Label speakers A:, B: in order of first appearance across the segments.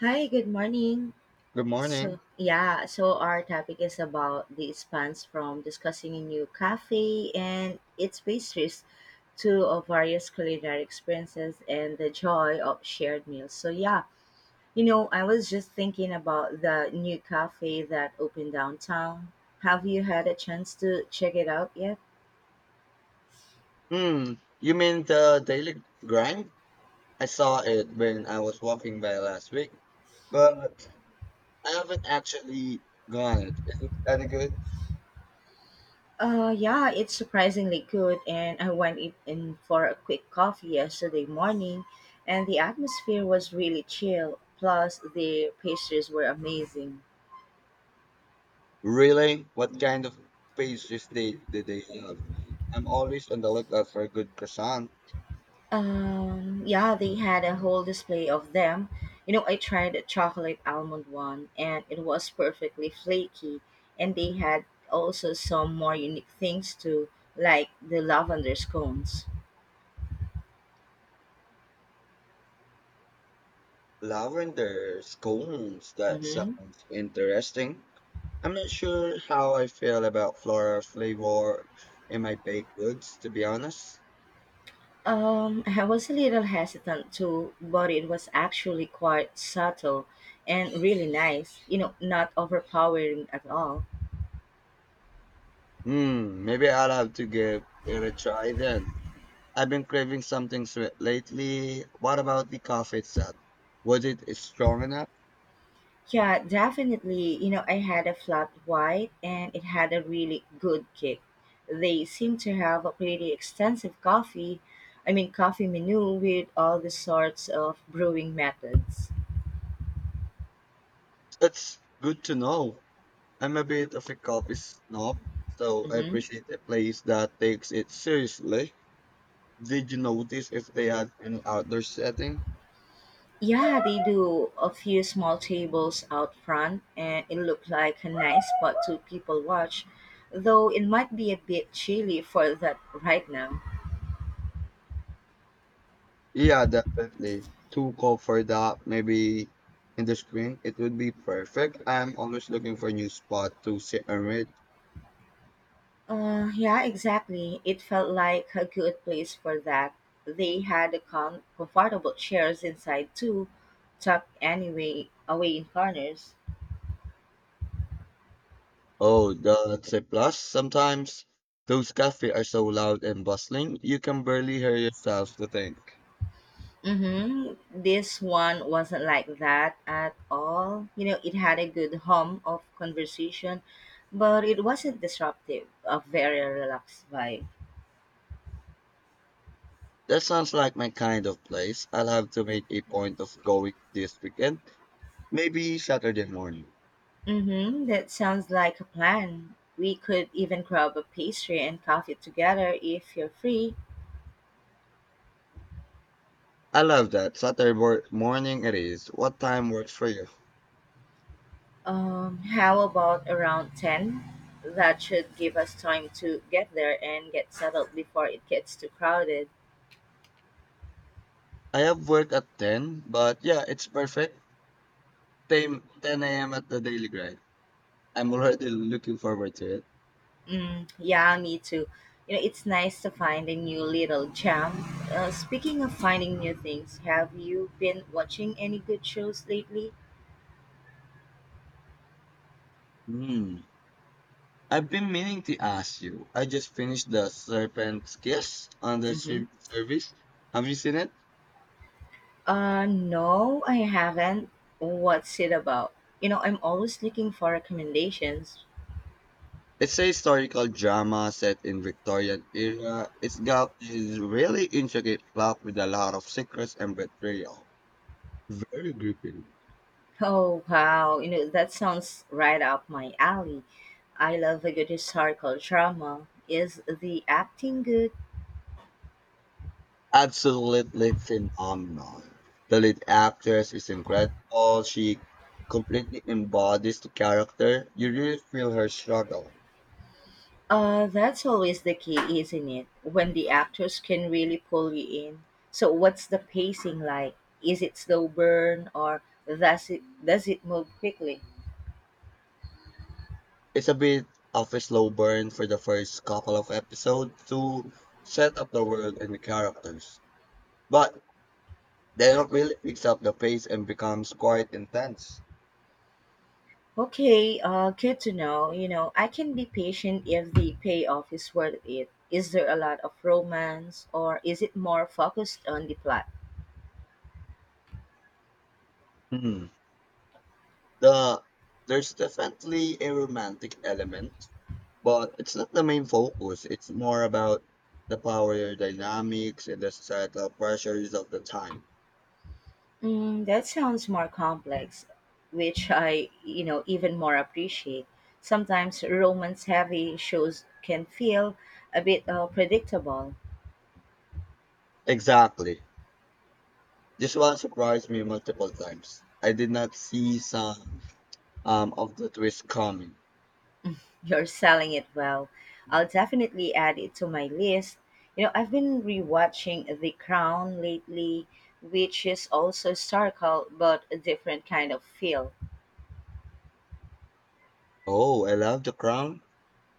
A: Hi, good morning.
B: Good
A: So,
B: morning.
A: yeah, so our topic is about the spans from discussing a new cafe and its pastries to various culinary experiences and the joy of shared meals. I was just thinking about the new cafe that opened downtown. Have you had a chance to check it out yet?
B: Hmm. You mean the Daily Grind? I saw it when I was walking by last week, but I haven't actually gone it. Is it any good?
A: Yeah, it's surprisingly good, and I went in for a quick coffee yesterday morning, and the atmosphere was really chill. Plus, the pastries were amazing.
B: Really? What kind of pastries they did they have? I'm always on the lookout for a good croissant.
A: Yeah, they had a whole display of them. You know, I tried a chocolate almond one, and it was perfectly flaky. And they had also some more unique things too, like the lavender scones.
B: Lavender scones. That
A: Mm-hmm.
B: sounds interesting. I'm not sure how I feel about floral flavor in my baked goods, to be honest.
A: I was a little hesitant too, but it was actually quite subtle and really nice, not overpowering at all.
B: Hmm, maybe I'll have to give it a try then. I've been craving something sweet lately. What about the coffee itself? Was it strong enough?
A: Yeah, definitely, you know, I had a flat white and it had a really good kick. They seem to have a pretty extensive coffee menu with all the sorts of brewing methods.
B: That's good to know. I'm a bit of a coffee snob, so I
A: Mm-hmm.
B: appreciate a place that takes it seriously. Did you notice if they had an outdoor setting?
A: Yeah, they do a few small tables out front, and it looked like a nice spot to people watch. Though it might be a bit chilly for that right now.
B: Yeah, definitely. Too cold for that. Maybe in the spring it would be perfect. I'm always looking for a new spot to sit and read.
A: Yeah, exactly. It felt like a good place for that. They had a comfortable chairs inside too, tucked anyway away in corners.
B: Oh, that's a plus. Sometimes those cafes are so loud and bustling, you can barely hear yourself to think.
A: Mm-hmm. This one wasn't like that at all. You know, it had a good hum of conversation, but it wasn't disruptive, a very relaxed vibe.
B: That sounds like my kind of place. I'll have to make a point of going this weekend, maybe Saturday morning.
A: Mm-hmm. That sounds like a plan. We could even grab a pastry and coffee together if you're free.
B: I love that. Saturday morning it is. What time works for you?
A: How about around 10? That should give us time to get there and get settled before it gets too crowded.
B: I have work at 10, but yeah, it's perfect. Same 10 a.m. at the Daily Grind. I'm already looking forward to it.
A: Mm, yeah, me too. You know, it's nice to find a new little gem. Speaking of finding new things, have you been watching any good shows lately?
B: Hmm. I've been meaning to ask you. I just finished The Serpent's Kiss on the
A: Hmm.
B: streaming service. Have you seen it?
A: No, I haven't. What's it about? You know, I'm always looking for recommendations.
B: It's a historical drama set in Victorian era. It's got this really intricate plot with a lot of secrets and betrayal. Very gripping.
A: Oh, wow. You know, that sounds right up my alley. I love a good historical drama. Is the acting good?
B: Absolutely phenomenal. The lead actress is incredible. She completely embodies the character. You really feel her struggle.
A: That's always the key, isn't it? When the actors can really pull you in. So, what's the pacing like? Is it slow burn or does it move quickly?
B: It's a bit of a slow burn for the first couple of episodes to set up the world and the characters. But then it really picks up the pace and becomes quite intense.
A: Okay, good to know. You know, I can be patient if the payoff is worth it. Is there a lot of romance or is it more focused on the plot?
B: Hmm. The there's definitely a romantic element, but it's not the main focus. It's more about the power dynamics and the societal pressures of the time.
A: Mm, that sounds more complex, which I, you know, even more appreciate. Sometimes romance heavy shows can feel a bit predictable.
B: Exactly. This one surprised me multiple times. I did not see some of the twist coming.
A: You're selling it well. I'll definitely add it to my list. You know, I've been rewatching The Crown lately, which is also historical but a different kind of feel.
B: Oh, I love The Crown.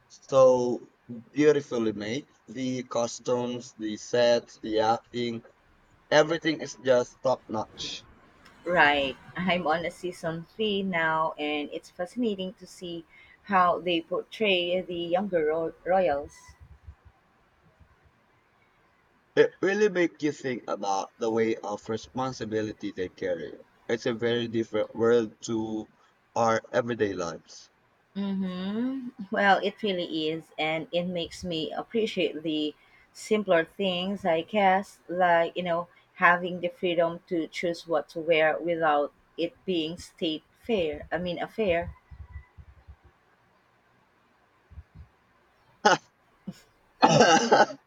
B: So beautifully made. The costumes, the sets, the acting, everything is just top notch.
A: Right. I'm on a season three now, and it's fascinating to see how they portray the younger royals.
B: It really makes you think about the way of responsibility they carry. It's a very different world to our everyday lives.
A: Mm-hmm. Well, it really is, and it makes me appreciate the simpler things, I guess, like, you know, having the freedom to choose what to wear without it being state fair. I mean, affair.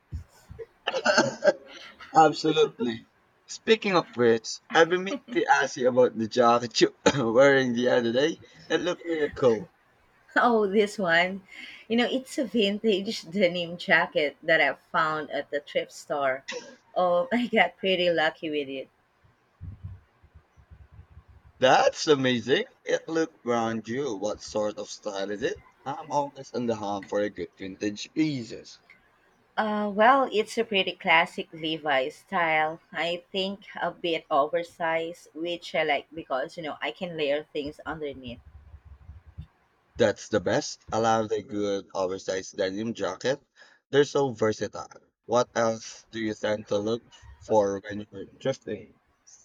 B: Absolutely. Speaking of which, I've been meaning to ask you about the jacket you were wearing the other day. It looked really cool.
A: Oh, this one. You know, it's a vintage denim jacket that I found at the thrift store. Oh, I got pretty lucky with it.
B: That's amazing. It looked brand new. What sort of style is it? I'm always on the hunt for a good vintage pieces.
A: Well, it's a pretty classic Levi's style. I think a bit oversized, which I like because, you know, I can layer things underneath.
B: That's the best. I love the good oversized denim jacket. They're so versatile. What else do you tend to look for when you're thrifting?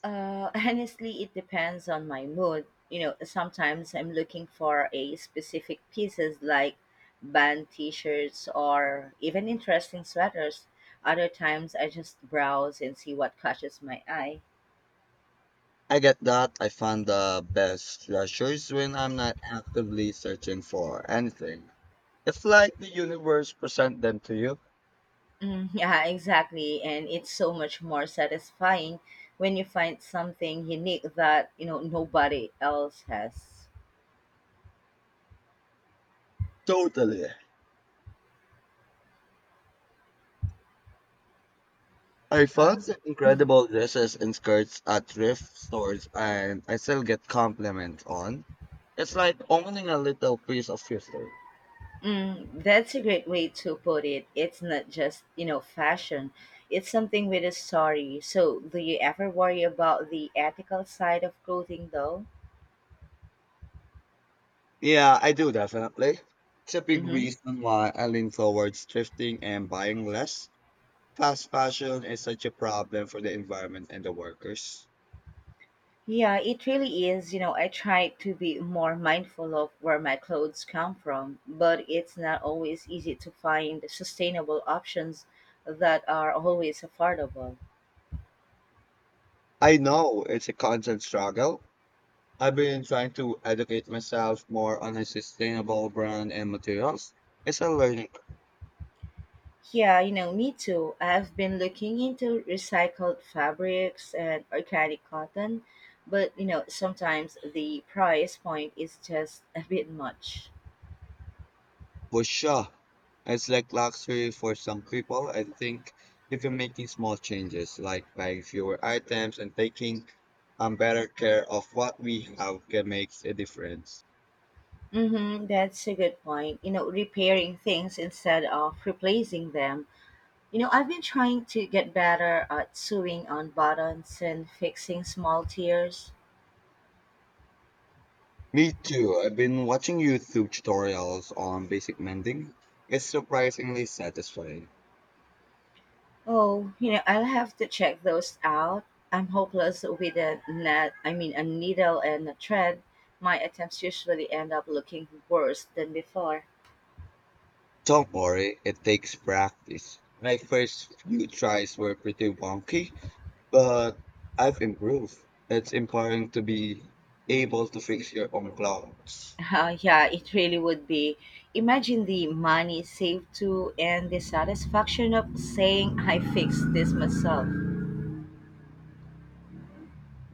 A: Honestly, it depends on my mood. You know, sometimes I'm looking for a specific pieces like band t-shirts or even interesting sweaters. Other times I just browse and see what catches my eye.
B: I get that. I find the best treasures when I'm not actively searching for anything. It's like the universe present them to you.
A: Mm, yeah, exactly. And it's so much more satisfying when you find something unique that, you know, nobody else has.
B: Totally. I found
A: Huh?
B: some incredible dresses and skirts at thrift stores and I still get compliments on. It's like owning a little piece of history.
A: Mm, that's a great way to put it. It's not just, you know, fashion. It's something with a story. So, do you ever worry about the ethical side of clothing though?
B: Yeah, I do definitely. It's a big
A: Mm-hmm.
B: reason why I lean towards thrifting and buying less. Fast fashion is such a problem for the environment and the workers.
A: Yeah, it really is. You know, I try to be more mindful of where my clothes come from, but it's not always easy to find sustainable options that are always affordable.
B: I know it's a constant struggle. I've been trying to educate myself more on a sustainable brand and materials. It's a learning.
A: Yeah, you know, me too. I've been looking into recycled fabrics and organic cotton, but you know, sometimes the price point is just a bit much.
B: For sure. It's like luxury for some people. I think if you're making small changes, like buying fewer items and taking better care of what we have, can make a difference.
A: Mm-hmm, that's a good point. Repairing things instead of replacing them. You know, I've been trying to get better at sewing on buttons and fixing small tears.
B: Me too. I've been watching YouTube tutorials on basic mending. It's surprisingly satisfying.
A: Oh, you know, I'll have to check those out. I'm hopeless with a net, I mean, a needle and a thread. My attempts usually end up looking worse than before.
B: Don't worry, it takes practice. My first few tries were pretty wonky, but I've improved. It's empowering to be able to fix your own clocks.
A: Yeah, it really would be. Imagine the money saved too and the satisfaction of saying I fixed this myself.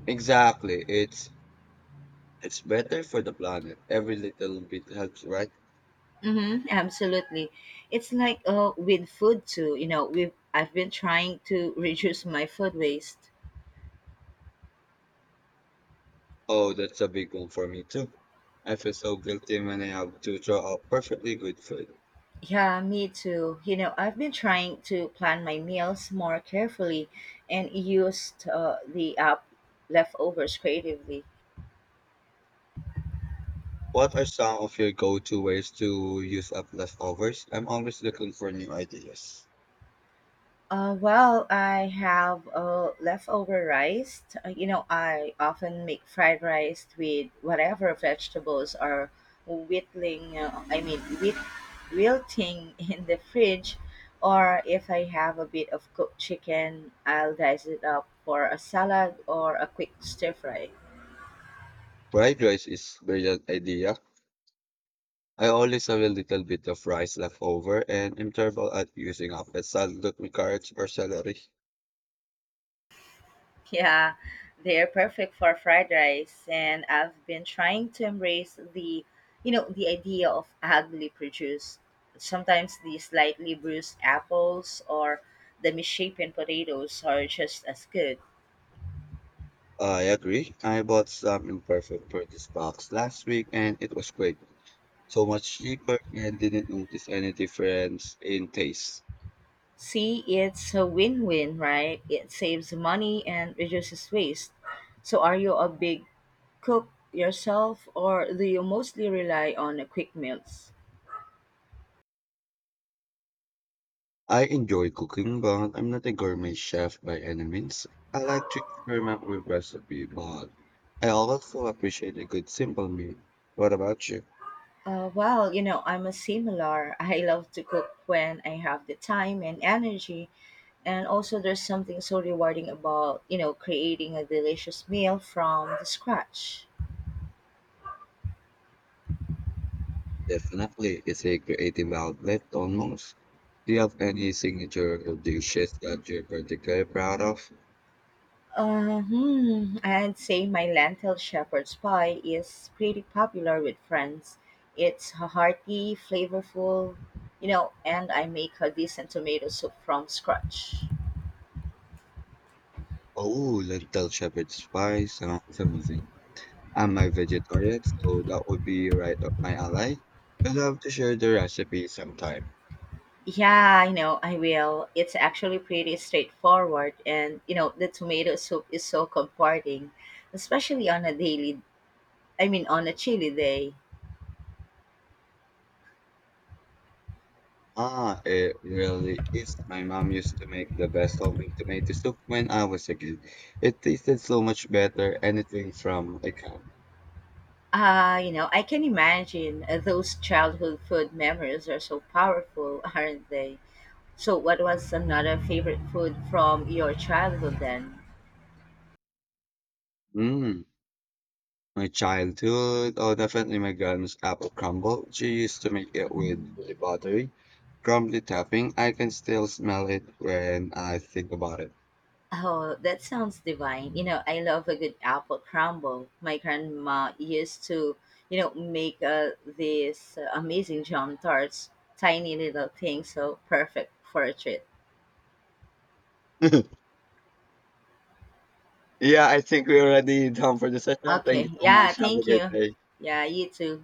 B: Exactly. It's better for the planet. Every little bit helps, right?
A: Mm-hmm, absolutely. It's like with food too. You know, we've I've been trying to reduce my food waste.
B: Oh, that's a big one for me too. I feel so guilty when I have to throw out perfectly good food.
A: Yeah, me too. You know, I've been trying to plan my meals more carefully and used the app leftovers creatively.
B: What are some of your go-to ways to use up leftovers? I'm always looking for new ideas.
A: Well, I have leftover rice. You know, I often make fried rice with whatever vegetables are whittling, I mean, whit- wilting in the fridge. Or if I have a bit of cooked chicken, I'll dice it up for a salad or a quick stir fry.
B: Fried rice is brilliant idea. I always have a little bit of rice left over and I'm terrible at using up a salad with carrots or celery.
A: Yeah, they're perfect for fried rice, and I've been trying to embrace the idea of ugly produce. Sometimes the slightly bruised apples or the misshapen potatoes are just as good.
B: I agree. I bought some imperfect for this box last week and it was great. So much cheaper and didn't notice any difference in taste.
A: See, it's a win-win, right? It saves money and reduces waste. So, are you a big cook yourself, or do you mostly rely on quick meals?
B: I enjoy cooking, but I'm not a gourmet chef by any means. I like to experiment with recipe, but I also appreciate a good simple meal. What about you?
A: Well, you know, I'm a similar. I love to cook when I have the time and energy. And also, there's something so rewarding about, you know, creating a delicious meal from the scratch.
B: Definitely, it's a creative outlet almost. Do you have any signature dishes that you're particularly proud of?
A: I'd say my lentil shepherd's pie is pretty popular with friends. It's hearty, flavorful, you know, and I make a decent tomato soup from scratch.
B: Oh, lentil shepherd's pie sounds amazing. I'm a vegetarian, so that would be right up my alley. I'd love to share the recipe sometime.
A: Yeah, I know, I will. It's actually pretty straightforward and you know, the tomato soup is so comforting, especially on a daily I mean on a chilly day.
B: Ah, it really is. My mom used to make the best homemade tomato soup when I was a kid. It tasted so much better, anything from a can.
A: You know, I can imagine those childhood food memories are so powerful, aren't they? So what was another favorite food from your childhood then?
B: Mmm. My childhood, oh, definitely my grandma's apple crumble. She used to make it with the buttery, crumbly topping. I can still smell it when I think about it.
A: Oh, that sounds divine. You know, I love a good apple crumble. My grandma used to, you know, make these amazing jam tarts, tiny little things, so perfect for a treat.
B: Yeah, I think we're already done for the session. Thank
A: Okay,
B: you so
A: yeah,
B: much. Have a
A: thank
B: great
A: you.
B: day.
A: Yeah, you too.